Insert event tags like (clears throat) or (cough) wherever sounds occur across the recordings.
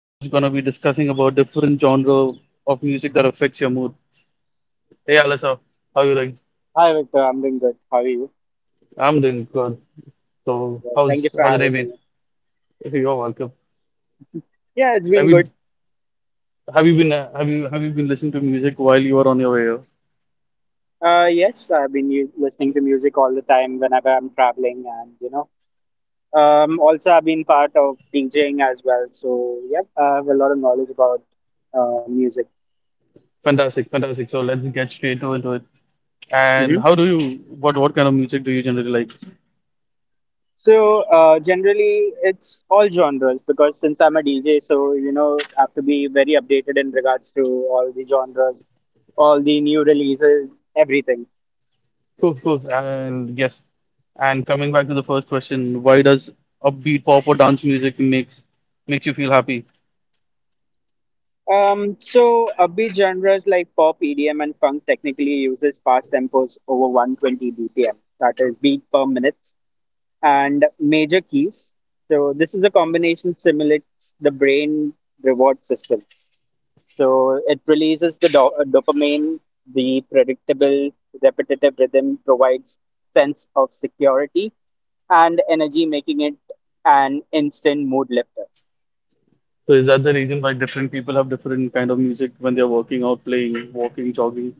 who's gonna be discussing about different genre of music that affects your mood. Hey, Alistair, how you doing? Hi, Victor. I'm doing good. How are you? I'm doing good. So, Yeah, thank how's you for how's the day having been? me. (laughs) You're welcome. Yeah, it's been Have you good. Have you been listening to music while you were on your way here? Yes, I've been listening to music all the time whenever I'm traveling, and you know, also I've been part of DJing as well. So yeah, I have a lot of knowledge about music. Fantastic, fantastic. So let's get straight into it. And Hmm. how do you What kind of music do you generally like? So generally, it's all genres because since I'm a DJ, so you know, have to be very updated in regards to all the genres, all the new releases, everything. Of course, and yes, and coming back to the first question, why does upbeat pop or dance music makes you feel happy? So upbeat genres like pop, EDM, and funk technically uses fast tempos over 120 BPM, that is beat per minute, and major keys. So this is a combination simulates the brain reward system. So it releases the dopamine. The predictable, repetitive rhythm provides sense of security and energy, making it an instant mood lifter. So is that the reason why different people have different kind of music when they're working out, playing, walking, jogging?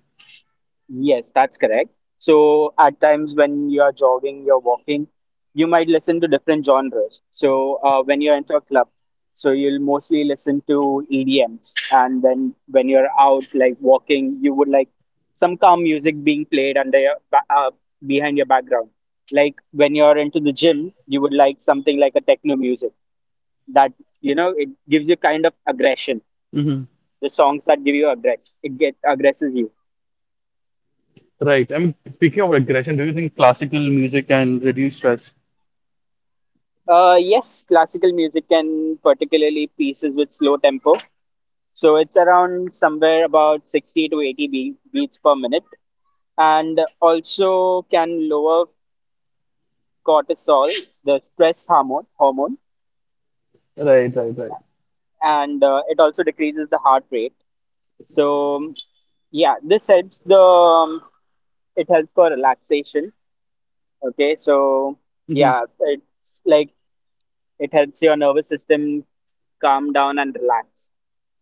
Yes, that's correct. So at times when you are jogging, you're walking, you might listen to different genres. So when you're into a club, so you'll mostly listen to EDMs, and then when you're out like walking, you would like some calm music being played under your behind your background. Like when you're into the gym, you would like something like a techno music that you know it gives you kind of aggression. Hmm. The songs that give you aggress, it get aggresses you. Right. I mean, speaking of aggression, do you think classical music can reduce stress? Yes, classical music can particularly pieces with slow tempo. So it's around somewhere about 60 to 80 beats per minute and also can lower cortisol, the stress hormone Right, right, right. and it also decreases the heart rate. So yeah, this helps the it helps for relaxation. Okay, so Hmm. yeah, it's like it helps your nervous system calm down and relax.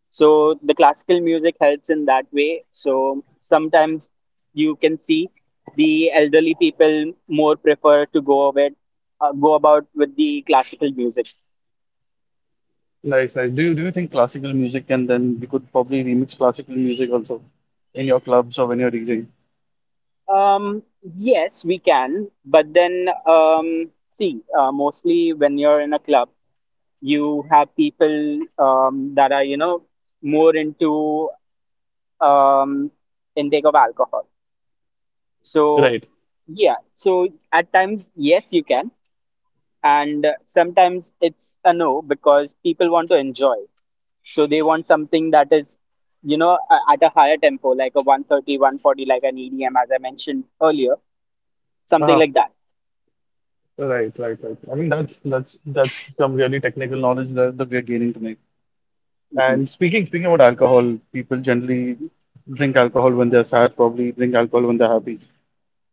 So the classical music helps in that way. So sometimes you can see the elderly people more prefer to go with go about with the classical music. Nice, nice. Do you think classical music and then you could probably remix classical music also in your clubs or when you're DJing? Um, yes, we can, but then see, mostly when you're in a club, you have people that are you know more into um, intake of alcohol. Right. So yeah, so at times yes, you can and sometimes it's a no because people want to enjoy so they want something that is you know at a higher tempo like a 130, 140, like an edm as I mentioned earlier, Uh-huh. something like that. Right, right, right. I mean, that's some really technical knowledge that we are gaining tonight. Hmm. And speaking about alcohol, people generally drink alcohol when they're sad, probably drink alcohol when they're happy.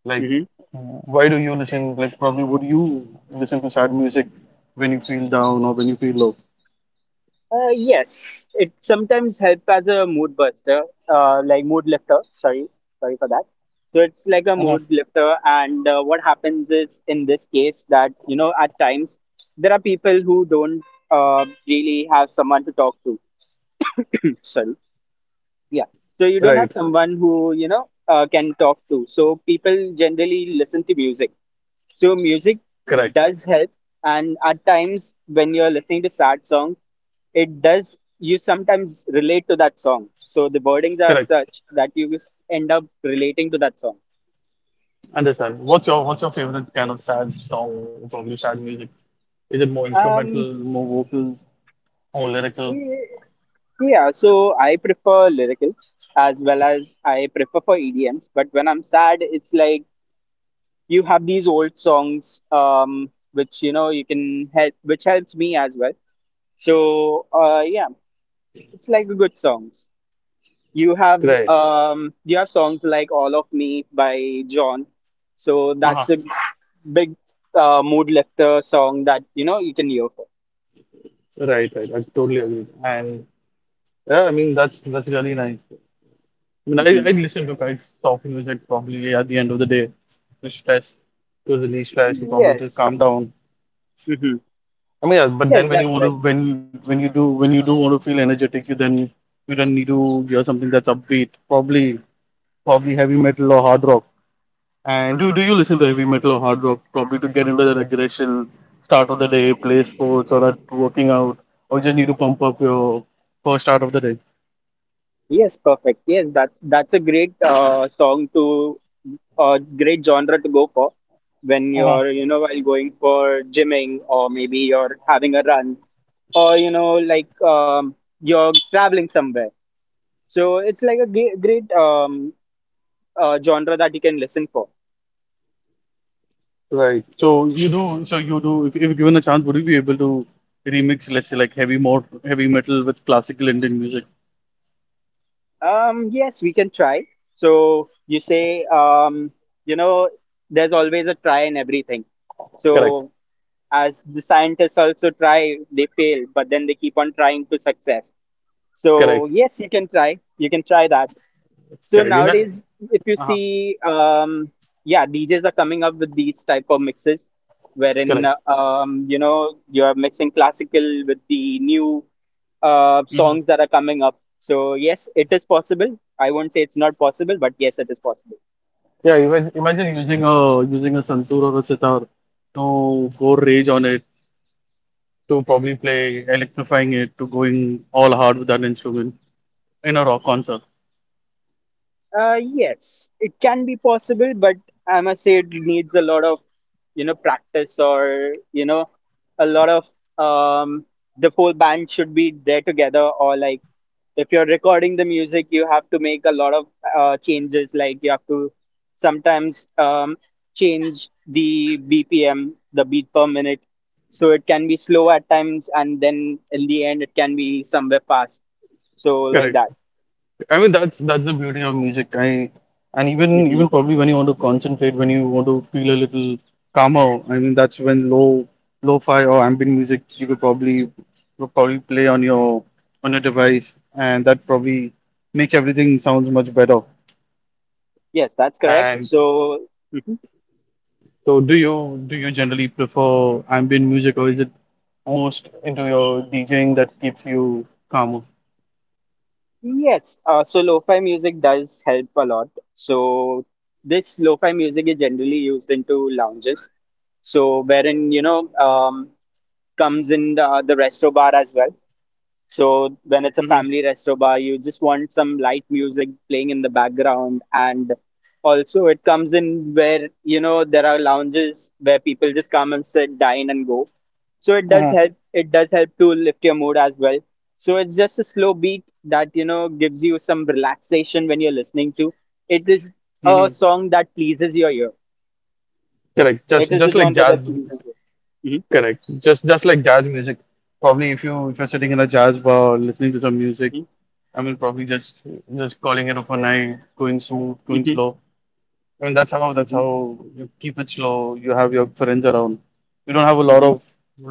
Like, Hmm. why do you listen? Like, probably would you listen to sad music when you feel down or when you feel low? Yes, it sometimes helps as a mood buster, like mood lifter, sorry, sorry for that. So it's like a Uh-huh. mood lifter and what happens is in this case that you know at times there are people who don't really have someone to talk to. (clears throat) Sorry. Yeah. So Right. you don't have someone who you know can talk to, so people generally listen to music, so music Correct. does help. And at times when you're listening to sad songs, it does you sometimes relate to that song, so the wordings are Correct. such that you just end up relating to that song. Understand. What's your favorite kind of sad song? Probably sad music. Is it more instrumental, um more vocals, more lyrical? y- yeah, so I prefer lyrical as well as I prefer for edms, but when I'm sad it's like you have these old songs, which you know you can help, which helps me as well. So yeah, it's like good songs. You have Right. You have songs like All of Me by John. So Uh-huh. that's a big mood lifter song that you know you can hear for. Right, right. I totally agree. And yeah, I mean that's really nice. I mean, I Hmm. I listen to quite soft music probably at the end of the day to stress, to release stress, to probably just Yes. calm down. Hmm. I mean, yeah, but Yes, then when that's you want right. to when you do want to feel energetic, you then need to hear something that's upbeat, probably heavy metal or hard rock. And do you Yes. listen to heavy metal or hard rock probably to get into that Yes. aggression, start of the day, Hmm. play sports or that working out, or Hmm. just need to pump Hmm. up your first start of the day? Yes, perfect. Yes, that's a great song to, a great genre to go for when Uh-huh. you're you know while going for gymming or maybe you're having a run or you know like you're traveling somewhere. So it's like a great genre that you can listen for. Right. So you do. So you do. If given a chance, would you be able to remix, let's say, like heavy metal with classical Indian music? Yes, we can try. So you say you know there's always a try in everything. Correct, So as the scientists also try, they fail, but then they keep on trying to success. So correct, yes, you can try, you can try that. So correct. Nowadays, if you Uh-huh. see yeah, djs are coming up with these type of mixes, wherein Correct. You know you are mixing classical with the new Hmm. songs that are coming up. So yes, it is possible. I won't say it's not possible, but yes, it is possible. Yeah, imagine, imagine using a using a santoor or a sitar to go rage on it, to probably play electrifying it, to going all hard with that instrument in a rock concert. Yes, it can be possible, but I must say it needs a lot of, you know, practice or, you know, a lot of, um, the whole band should be there together, or like if you're recording the music, you have to make a lot of changes. Like you have to sometimes change the BPM, the beat per minute. So it can be slow at times and then in the end it can be somewhere fast. So like that. I mean that's the beauty of music. I and even Hmm. even probably when you want to concentrate, when you want to feel a little calmer, I mean that's when low lo-fi or ambient music you could probably play on your device and that probably makes everything sounds much better. Yes, that's correct. And So so do you generally prefer ambient music or is it most into your DJing that keeps you calmer? yes, so lo-fi music does help a lot. So this lo-fi music is generally used into lounges. So wherein, you know, comes in the resto bar as well. So when it's a family resto bar, you just want some light music playing in the background, and also it comes in where you know there are lounges where people just come and sit, dine, and go. So it Mm-hmm. does help. It does help to lift your mood as well. So it's just a slow beat that you know gives you some relaxation when you're listening to. It is a Mm-hmm. song that pleases your ear. Correct. It is Just a like genre jazz. that pleases you. Correct. Just like jazz music. Probably if you if you're sitting in a jazz bar listening to some music, Mhm, I mean probably just calling it overnight, going smooth, going mhm, slow. I mean that's how that's mhm, how you keep it slow. You have your friends around. You don't have a mhm,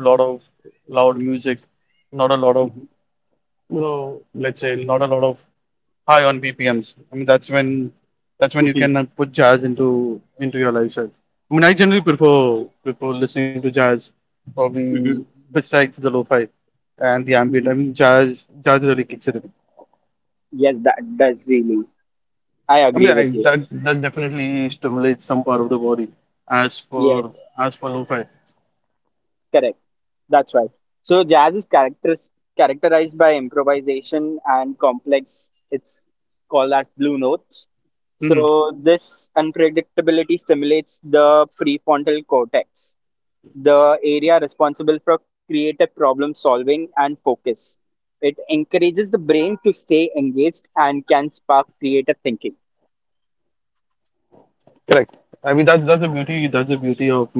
lot of loud music, not a lot of mhm, so let's say not a lot of high on BPMs. I mean, that's when mhm, you mhm, can put jazz into your lifestyle. I mean, I generally prefer listening to jazz probably mhm, besides the lo-fi and the ambient. I mhm. mean, jazz really kicks it in. Yes, that does really. I I mean, agree with you. that that definitely stimulates some part of the body Yes, as for lo-fi. correct. That's right. So jazz is characterized by improvisation and complex. It's called as blue notes. Hmm. So this unpredictability stimulates the prefrontal cortex, the area responsible for creative problem solving and focus. It encourages the brain to stay engaged and can spark creative thinking. Correct. I mean, that's the beauty. That's the beauty of music at the end of the day.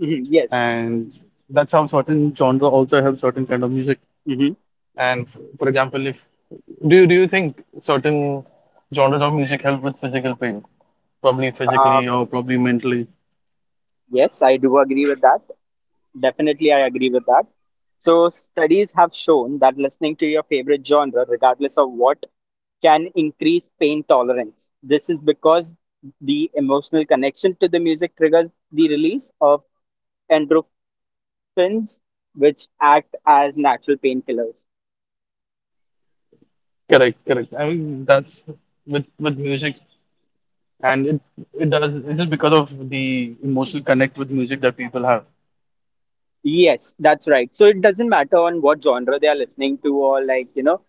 Mhm. Yes. that's how certain genre also have certain kind of music. Hmm. And for example, if do you, do you think certain genres of music help with physical pain? Probably physically or probably mentally. Yes, I do agree with that. Definitely, I agree with that. So, studies have shown that listening to your favorite genre, regardless of what, can increase pain tolerance. This is because the emotional connection to the music triggers the release of endorphins, which act as natural painkillers. Correct. That's with music and it does it's just because of the emotional connect with music that people have. Yes, that's right. So it doesn't matter on what genre they are listening to, or like, you know,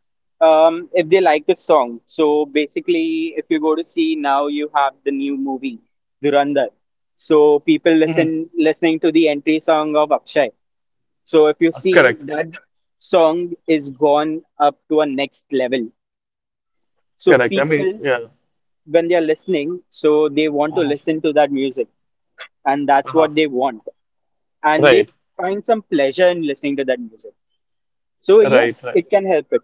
if they like a song. So basically, if you go to see now, you have the new movie, Durandar. So people Hmm. Listening to the entry song of Akshay. So if you see, correct, that song is gone up to a next level. So correct, I mean, people, yeah. when they are listening, so they want to Uh-huh. listen to that music, and that's Uh-huh. what they want. And they Right. find some pleasure in listening to that music. So Right, yes, right. it can help it.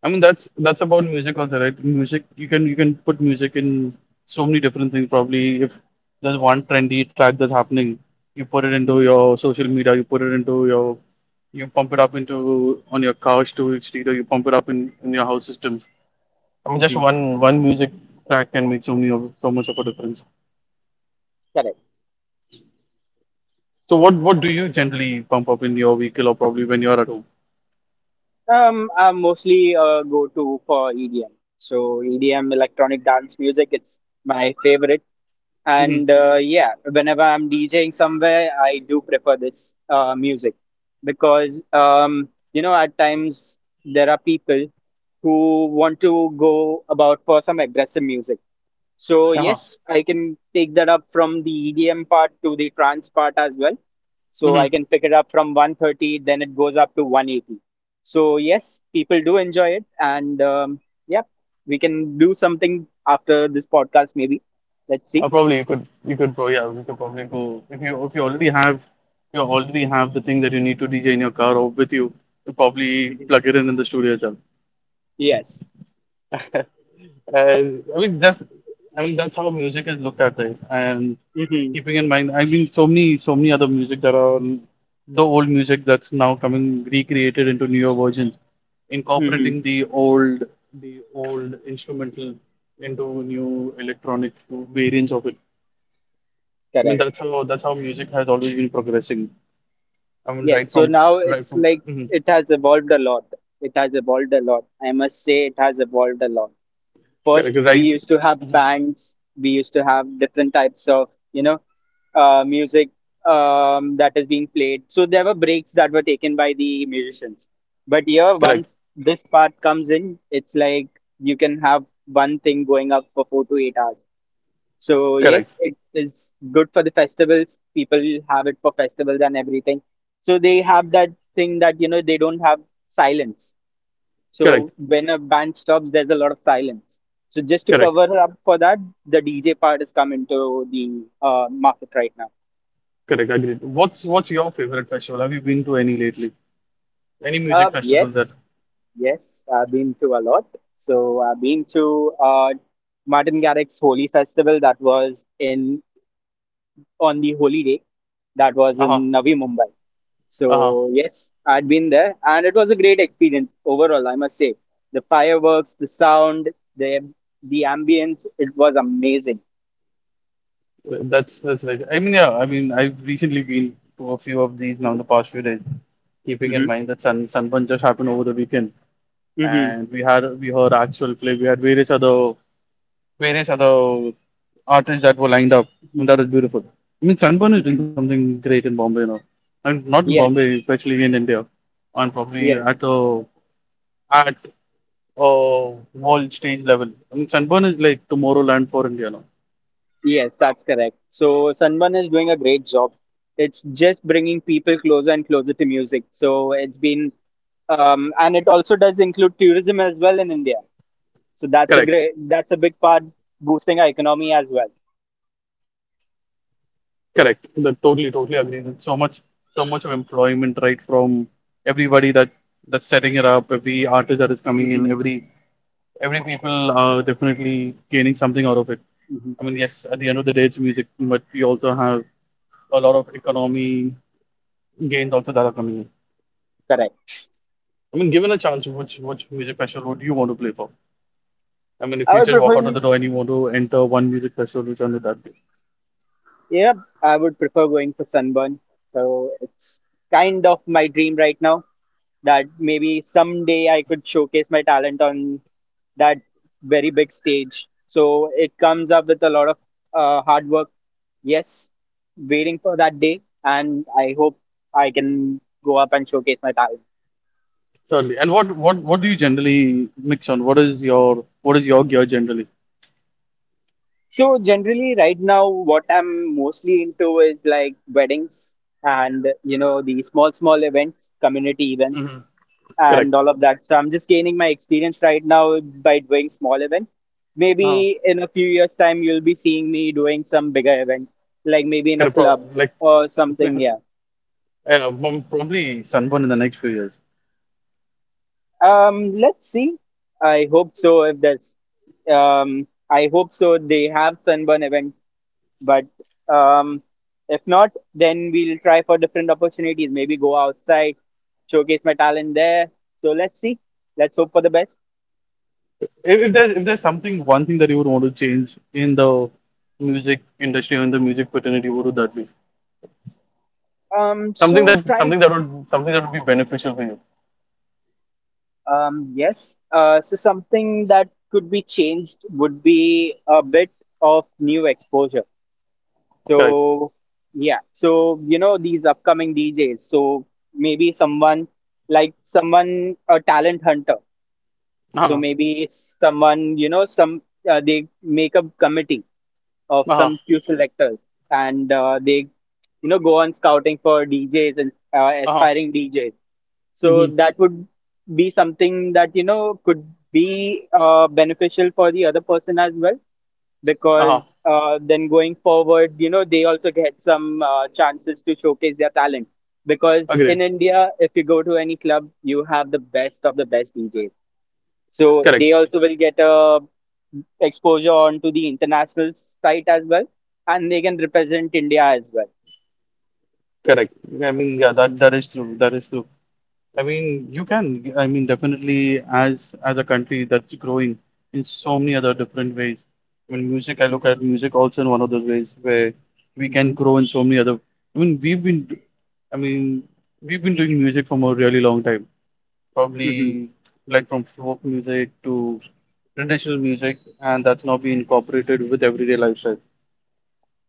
I mean that's about music also, right? Music you can put music in so many different things. Probably if there's one trendy track that's happening, you put it into Hmm. your social media, you put it into your you pump it up into on your car storage street or you pump it up in your house systems. I mean just Hmm. one music track can make so many of so much of a difference. Correct. So what do you generally pump up in your vehicle or probably when you're at home? I'm mostly go-to for EDM. So EDM, electronic dance music, it's my favorite. Mm-hmm. And yeah, whenever I'm DJing somewhere, I do prefer this music because you know at times there are people who want to go about for some aggressive music. So Uh-huh. yes, I can take that up from the EDM part to the trance part as well, so I can pick it up from 130, then it goes up to 180. So yes, people do enjoy it, and yeah, we can do something after this podcast maybe. Let's see. Probably you could probably yeah, you could probably go if you already have you already have the thing that you need to DJ in your car or with you, you probably Mhm. plug it in the studio itself. Yes. And I mean that's how music is looked at, right? And Hmm. keeping in mind, I mean so many so many other music that are the old music that's now coming recreated into newer versions, Hmm. incorporating the old instrumental into new electronic variants of it. I mean, Correct. that's how music has always been progressing. I mean, Yes. So now right it's from like mhm. it has evolved a lot. It has evolved a lot. I must say, it has evolved a lot. Correct, First, we right, used to have bands. We used to have different types of you know music that is being played. So there were breaks that were taken by the musicians. But here, correct, once this part comes in, it's like you can have one thing going up for 4 to 8 hours. So correct, yes, it is good for the festivals. People have it for festivals and everything. So they have that thing that you know they don't have silence. correct, So when a band stops, there's a lot of silence. So just to correct, cover up for that, the DJ part has come into the market right now. correct. Agreed. What's your favorite festival? Have you been to any lately? Any Uh, music festival that? yes, yes, I've been to a lot. So I've been to Martin Garrix's Holy Festival that was in, on the Holy Day, that was Uh-huh, in Navi Mumbai. uh-huh. So yes, I'd been there and it was a great experience overall. I must say the fireworks, the sound, the the ambience, it was amazing. That's right. I mean, yeah. I mean, I've recently been to a few of these now in the past few days, keeping in Hmm. mind that Sunburn just happened over the weekend, Hmm. and we heard actual play. We had various other artists that were lined up, and that Hmm. was beautiful. I mean, Sunburn is doing Hmm. something great in Bombay now. And not in Bombay, Yes, especially in India, and probably at yes. a at a world stage level. I mean, Sunburn is like Tomorrowland for India now. Yes, that's correct. So Sunburn is doing a great job. It's just bringing people closer and closer to music. So it's been, and it also does include tourism as well in India. So that's a Correct, great, that's a big part boosting our economy as well. correct. That totally, totally agree. There's so much of employment right from everybody that that's setting it up, every artist that is coming in, Hmm. every people are definitely gaining something out of it. I mean, yes, at Hmm. the end of the day, it's music, but we also have a lot of economy gains also that are coming in. Correct. I mean, given a chance, which music festival would you want to play for? I mean, if I you would just walk out prefer, of the door and you want to enter one music festival, which one would that be? yeah, I would prefer going for Sunburn. So it's kind of my dream right now that maybe someday I could showcase my talent on that very big stage. So it comes up with a lot of hard work. Yes, waiting for that day, and I hope I can go up and showcase my talent. Certainly. And what do you generally mix on? What is your gear generally? So generally, right now, what I'm mostly into is like weddings and the small small events, community events and Correct. all of that. So I'm just gaining my experience right now by doing small events. Now, Maybe in a few years' time, you'll be seeing me doing some bigger event, like maybe in kind a of pro- club like or (laughs) something. uh, Yeah. Probably sunburn in the next few years. Let's see. I hope so. If there's, I hope so. They have sunburn event, but um, if not, then we'll try for different opportunities. Maybe go outside, showcase my talent there. So let's see. Let's hope for the best. If there's something one thing that you would want to change in the music industry or in the music fraternity, what would that be? Something So that try something that would something that would be beneficial for you. Yes. So something that could be changed would be a bit of new exposure. Correct. So yeah. So you know these upcoming DJs. So maybe someone like someone a talent hunter. So Uh-huh. maybe someone some they make a committee of Uh-huh. some few selectors and they you know go on scouting for DJs and aspiring DJs, so Mm-hmm. that would be something that you know could be beneficial for the other person as well Uh-huh. because then going forward, you know, they also get some chances to showcase their talent. Because Agreed. in India, if you go to any club, you have the best of the best DJs. So they Correct. also will get a exposure onto the international site as well, and they can represent India as well. Correct. I mean, yeah, that that is true. That is true. I mean, you can. I mean, definitely, as a country that's growing in so many other different ways. I mean, music, I look Hmm at music also in one of those ways where we can hmm grow in so many other. I mean, we've been, I mean, we've been doing music from a really long time. hmm Probably like from folk music to traditional music, and that's now being incorporated with everyday lifestyle.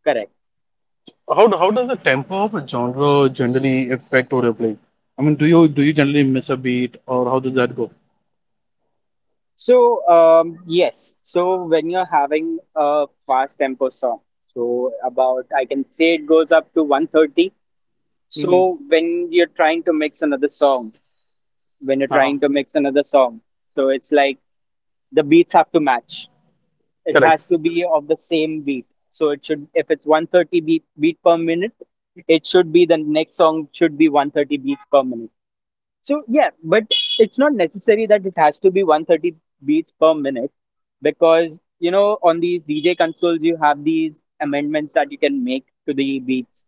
Correct. How does the tempo of a genre generally affect or play? I mean, do you generally miss a beat, or how does that go? So yes. So when you're having a fast tempo song, so about I can say it goes up to 130. Mm-hmm. So when you're trying to mix another song, when you're Uh-huh. trying to mix another song, so it's like the beats have to match. It Correct. has to be of the same beat. So it should, if it's 130 beat per minute, it should be the next song should be 130 beats per minute. So yeah, but it's not necessary that it has to be 130 beats per minute because you know on these DJ consoles you have these amendments that you can make to the beats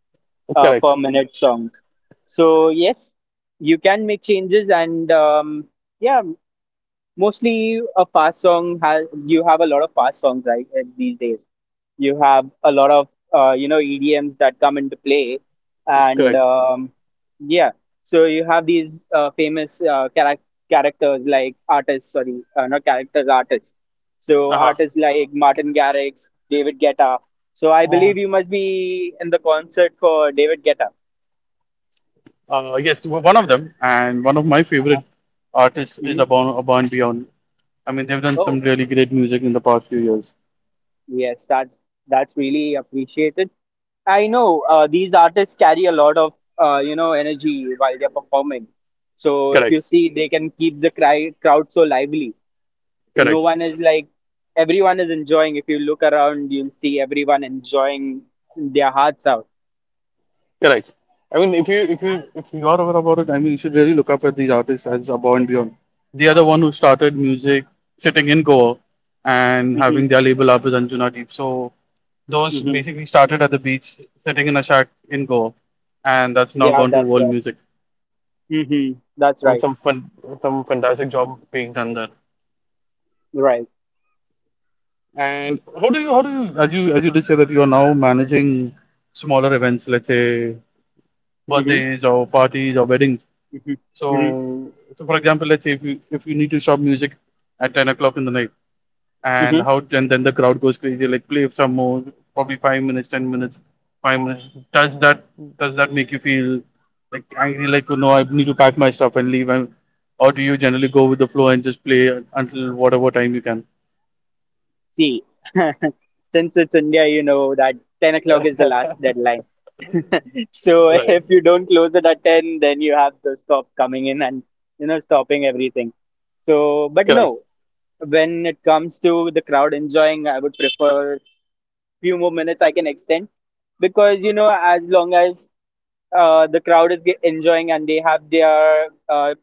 Correct. per minute songs. So yes, you can make changes and yeah, mostly a fast song has you have a lot of fast songs, right? These days you have a lot of EDMs that come into play, and Correct. um, yeah, so you have these famous characters like artists, sorry, not characters, artists. So Uh-huh. artists like Martin Garrix, David Guetta. So I believe Um, you must be in the concert for David Guetta. Yes, one of them, and one of my favorite Uh-huh. artists is hmm Abon Beyond. I mean, they've done some Oh really great music in the past few years. yes, that's really appreciated. I know these artists carry a lot of energy while they're performing. So if Correct. you see, they can keep the crowd so lively. Correct. No one is like everyone is enjoying. If you look around, you'll see everyone enjoying their hearts out. Correct. I mean, if you are aware about it, I mean, you should really look up at these artists as Above and Beyond. They are the one who started music sitting in Goa and Hmm having their label up as Anjuna Deep. So those hmm basically started at the beach, sitting in a shack in Goa, and that's now Yeah, gone to that's world right. music. hmm That's I mean, right. some fun, some fantastic job being done there. Right. And how do you as you as you did say that you are now managing smaller events, let's say hmm birthdays or parties or weddings. hmm hmm So for example, let's say if you need to stop music at 10 o'clock in the night, and hmm how and then the crowd goes crazy, like play some more, probably 5 minutes, 10 minutes, 5 minutes. Does that make you feel like angry, like oh, no, I need to pack my stuff and leave, and or do you generally go with the flow and just play until whatever time you can? See, (laughs) since it's India, you know that 10 o'clock is the last deadline. (laughs) So Right. if you don't close it at 10, then you have the stops coming in and you know stopping everything. So but Correct. no, when it comes to the crowd enjoying, I would prefer few more minutes I can extend, because you know, as long as the crowd is enjoying and they have their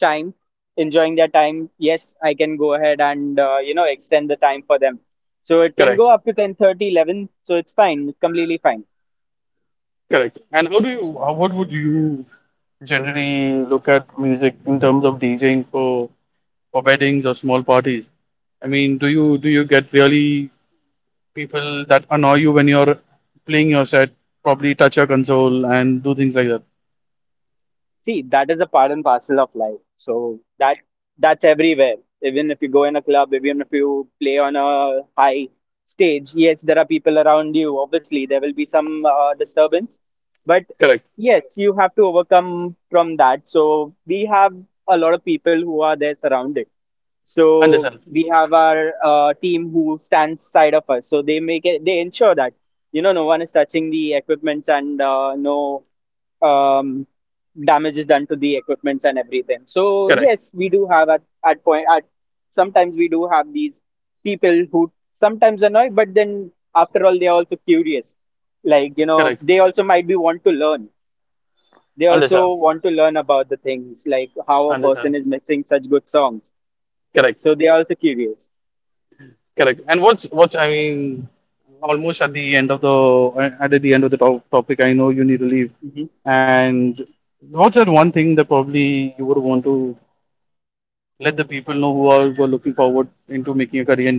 time enjoying their time, yes, I can go ahead and extend the time for them. So it can Correct. go up to 10:30, 11. So it's fine, it's completely fine. Correct. And how do you? How, what would you generally look at music in terms of DJing for? For weddings or small parties? I mean, do you get really people that annoy you when you're playing your set, probably touch your console and do things like that? See, that is a part and parcel of life. So that's everywhere. Even if you go in a club, even if you play on a high stage, yes, there are people around you. Obviously, there will be some disturbance, but Correct. yes, you have to overcome from that. So we have a lot of people who are there surrounded. So Understand. we have our team who stands side of us. So they ensure that you know no one is touching the equipments and no um, damage is done to the equipments and everything. So Correct. yes, we do have at point at sometimes we do have these people who sometimes annoy, but then after all they are also curious. Like you know, Correct. they also might be want to learn. They Understand. also want to learn about the things like how a person Understand. is mixing such good songs. Correct. So they are also curious. Correct. And what's I mean, almost at the end of the at the end of the topic. I know you need to leave. And what's that one thing that probably you would want to let the people know who are looking forward into making a career in DJing?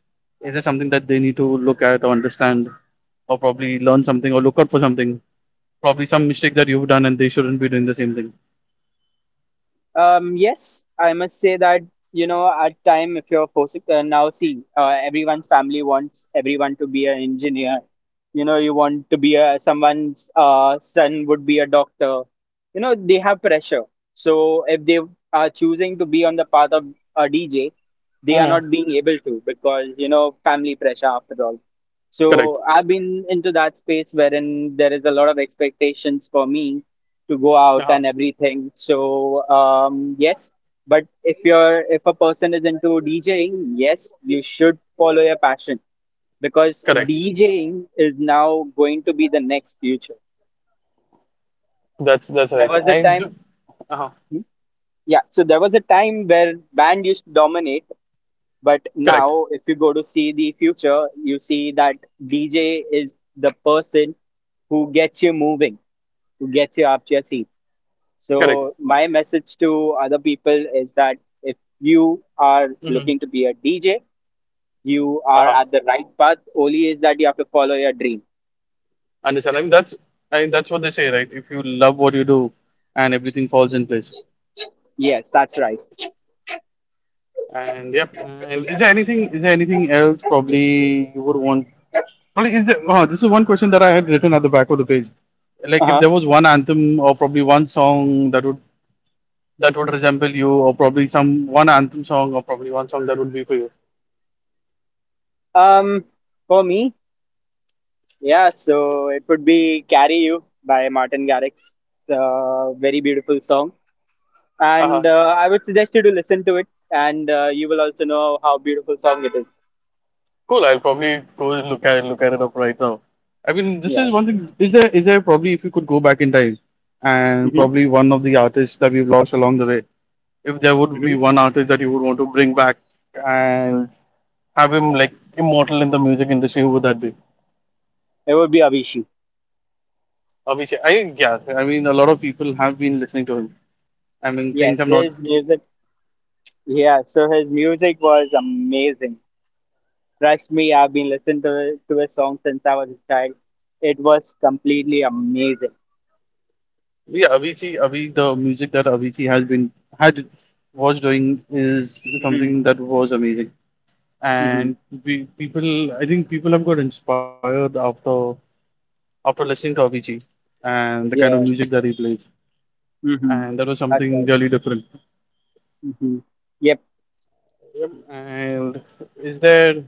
Is there something that they need to look at or understand or probably learn something or look out for something? Probably some mistake that you've done and they shouldn't be doing the same thing. Yes, I must say that you know at time if you're forcing now see everyone's family wants everyone to be an engineer. You know you want to be a someone's son would be a doctor. You know they have pressure. So if they are choosing to be on the path of a DJ, they are Uh-huh. not being able to because you know family pressure after all. Correct. So I've been into that space wherein there is a lot of expectations for me to go out Uh-huh. and everything. So yes, but if a person is into DJing, yes, you should follow your passion because Correct. DJing is now going to be the next future. That's There right. was a I time, do. Uh-huh. mhm, yeah. So there was a time where band used to dominate, but Correct. now if you go to see the future, you see that DJ is the person who gets you moving, who gets you up to your seat. Correct. So, my message to other people is that if you are looking to be a DJ, you are Uh-huh. at the right path. Only is that you have to follow your dream. Understand. I mean, that's what they say, right? If you love what you do, and everything falls in place. Yes, that's right. And yep. And is there anything? Is there anything else? Probably you would want Well, is there, oh, this is one question that I had written at the back of the page. Uh Like, if huh. there was one anthem or probably one song that would resemble you, or probably some one anthem song or probably one song that would be for you. Um, for me, yeah. So it would be "Carry You" by Martin Garrix. It's a very beautiful song, Uh, and I would suggest you to listen to it, and you will also know how beautiful song it is. cool. I'll probably go and look at it up right now. I mean, this Yeah. is one thing. Is there probably if you could go back in time and Mm-hmm. probably one of the artists that we've lost along the way, if there would be Mm-hmm. one artist that you would want to bring back and have him like immortal in the music industry, who would that be? It would be Avicii. Avicii, I yeah, I mean a lot of people have been listening to him. I mean things Yes, have not. his music. Yeah, so his music was amazing. Trust me, I've been listening to his song since I was a child. It was completely amazing. Yeah, Avicii, the music that Avicii has been had was doing is Hmm something that was amazing, hmm and we, people, I think people have got inspired after listening to Avicii and the kind of Yeah. music that he plays, hmm and that was That's something right. really different. hmm Yep. Yep. And is there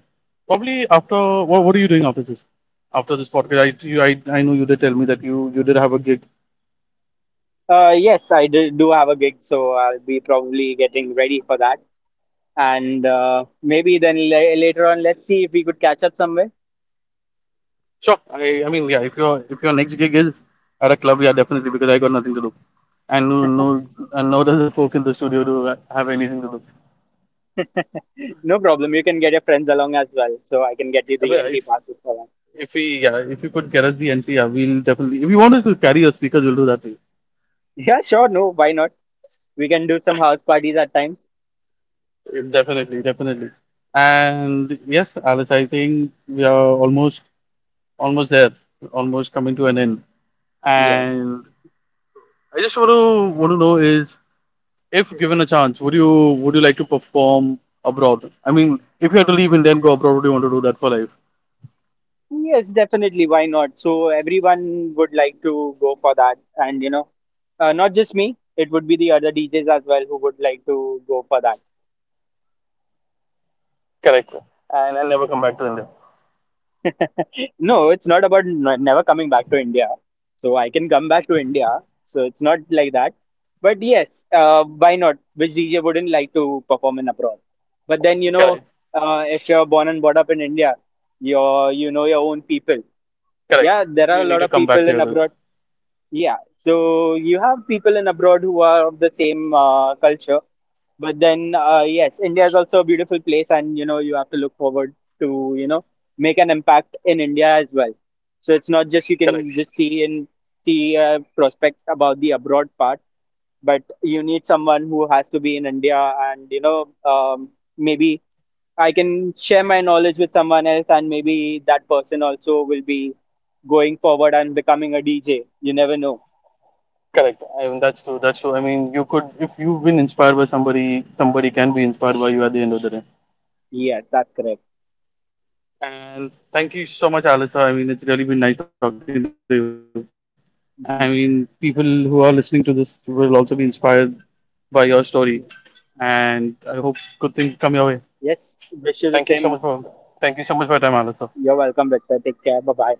probably after what are you doing after this? After this podcast, I know you did tell me that you did have a gig. Yes, I do, do have a gig, so I'll be probably getting ready for that. And maybe then later on, let's see if we could catch up somewhere. Sure. I mean yeah, if your next gig is at a club, yeah, definitely because I got nothing to do, and nor does the folk in the studio do have anything to do. No problem. You can get your friends along as well, so I can get you the But NT passes for that. (laughs) if we yeah if we could get the entry, yeah, we'll definitely if you wanted to carry your speakers, we'll do that too. Yeah, sure. No, why not? We can do some house parties at times. Yeah, definitely. And yes, Alice, I think we are almost almost there, almost coming to an end. Yeah. And I just want to know is. If given a chance, would you like to perform abroad? I mean, if you had to leave India and go abroad, would you want to do that for life? Yes, definitely. Why not? So everyone would like to go for that, and you know, not just me. It would be the other DJs as well who would like to go for that. Correct. And come back to India. (laughs) No, it's not about never coming back to India. So I can come back to India. So it's not like that. But yes, why not? Which DJ wouldn't like to perform in abroad? But then you know, Correct. If you're born and brought up in India, you're you know your own people. Correct. Yeah, there are You a need lot to of come back people to in your roots. abroad. Yeah, so you have people in abroad who are of the same culture, but then yes, India is also a beautiful place, and you know you have to look forward to you know make an impact in India as well. So it's not just you Correct. can just see a prospect about the abroad part, but you need someone who has to be in India, and maybe I can share my knowledge with someone else, and maybe that person also will be going forward and becoming a DJ. You never know. Correct. I mean, that's true. That's true. I mean, you could if you've been inspired by somebody, somebody can be inspired by you at the end of the day. Yes, that's correct. And thank you so much, Alisa. I mean, it's really been nice talking to you. I mean, people who are Mhm. listening to this will also be inspired by your story. And I hope good things come your way. Thank you so Yes, much for wish you the Thank you same. so much for your time, Alistair. You're welcome, Victor. Take care. Bye bye.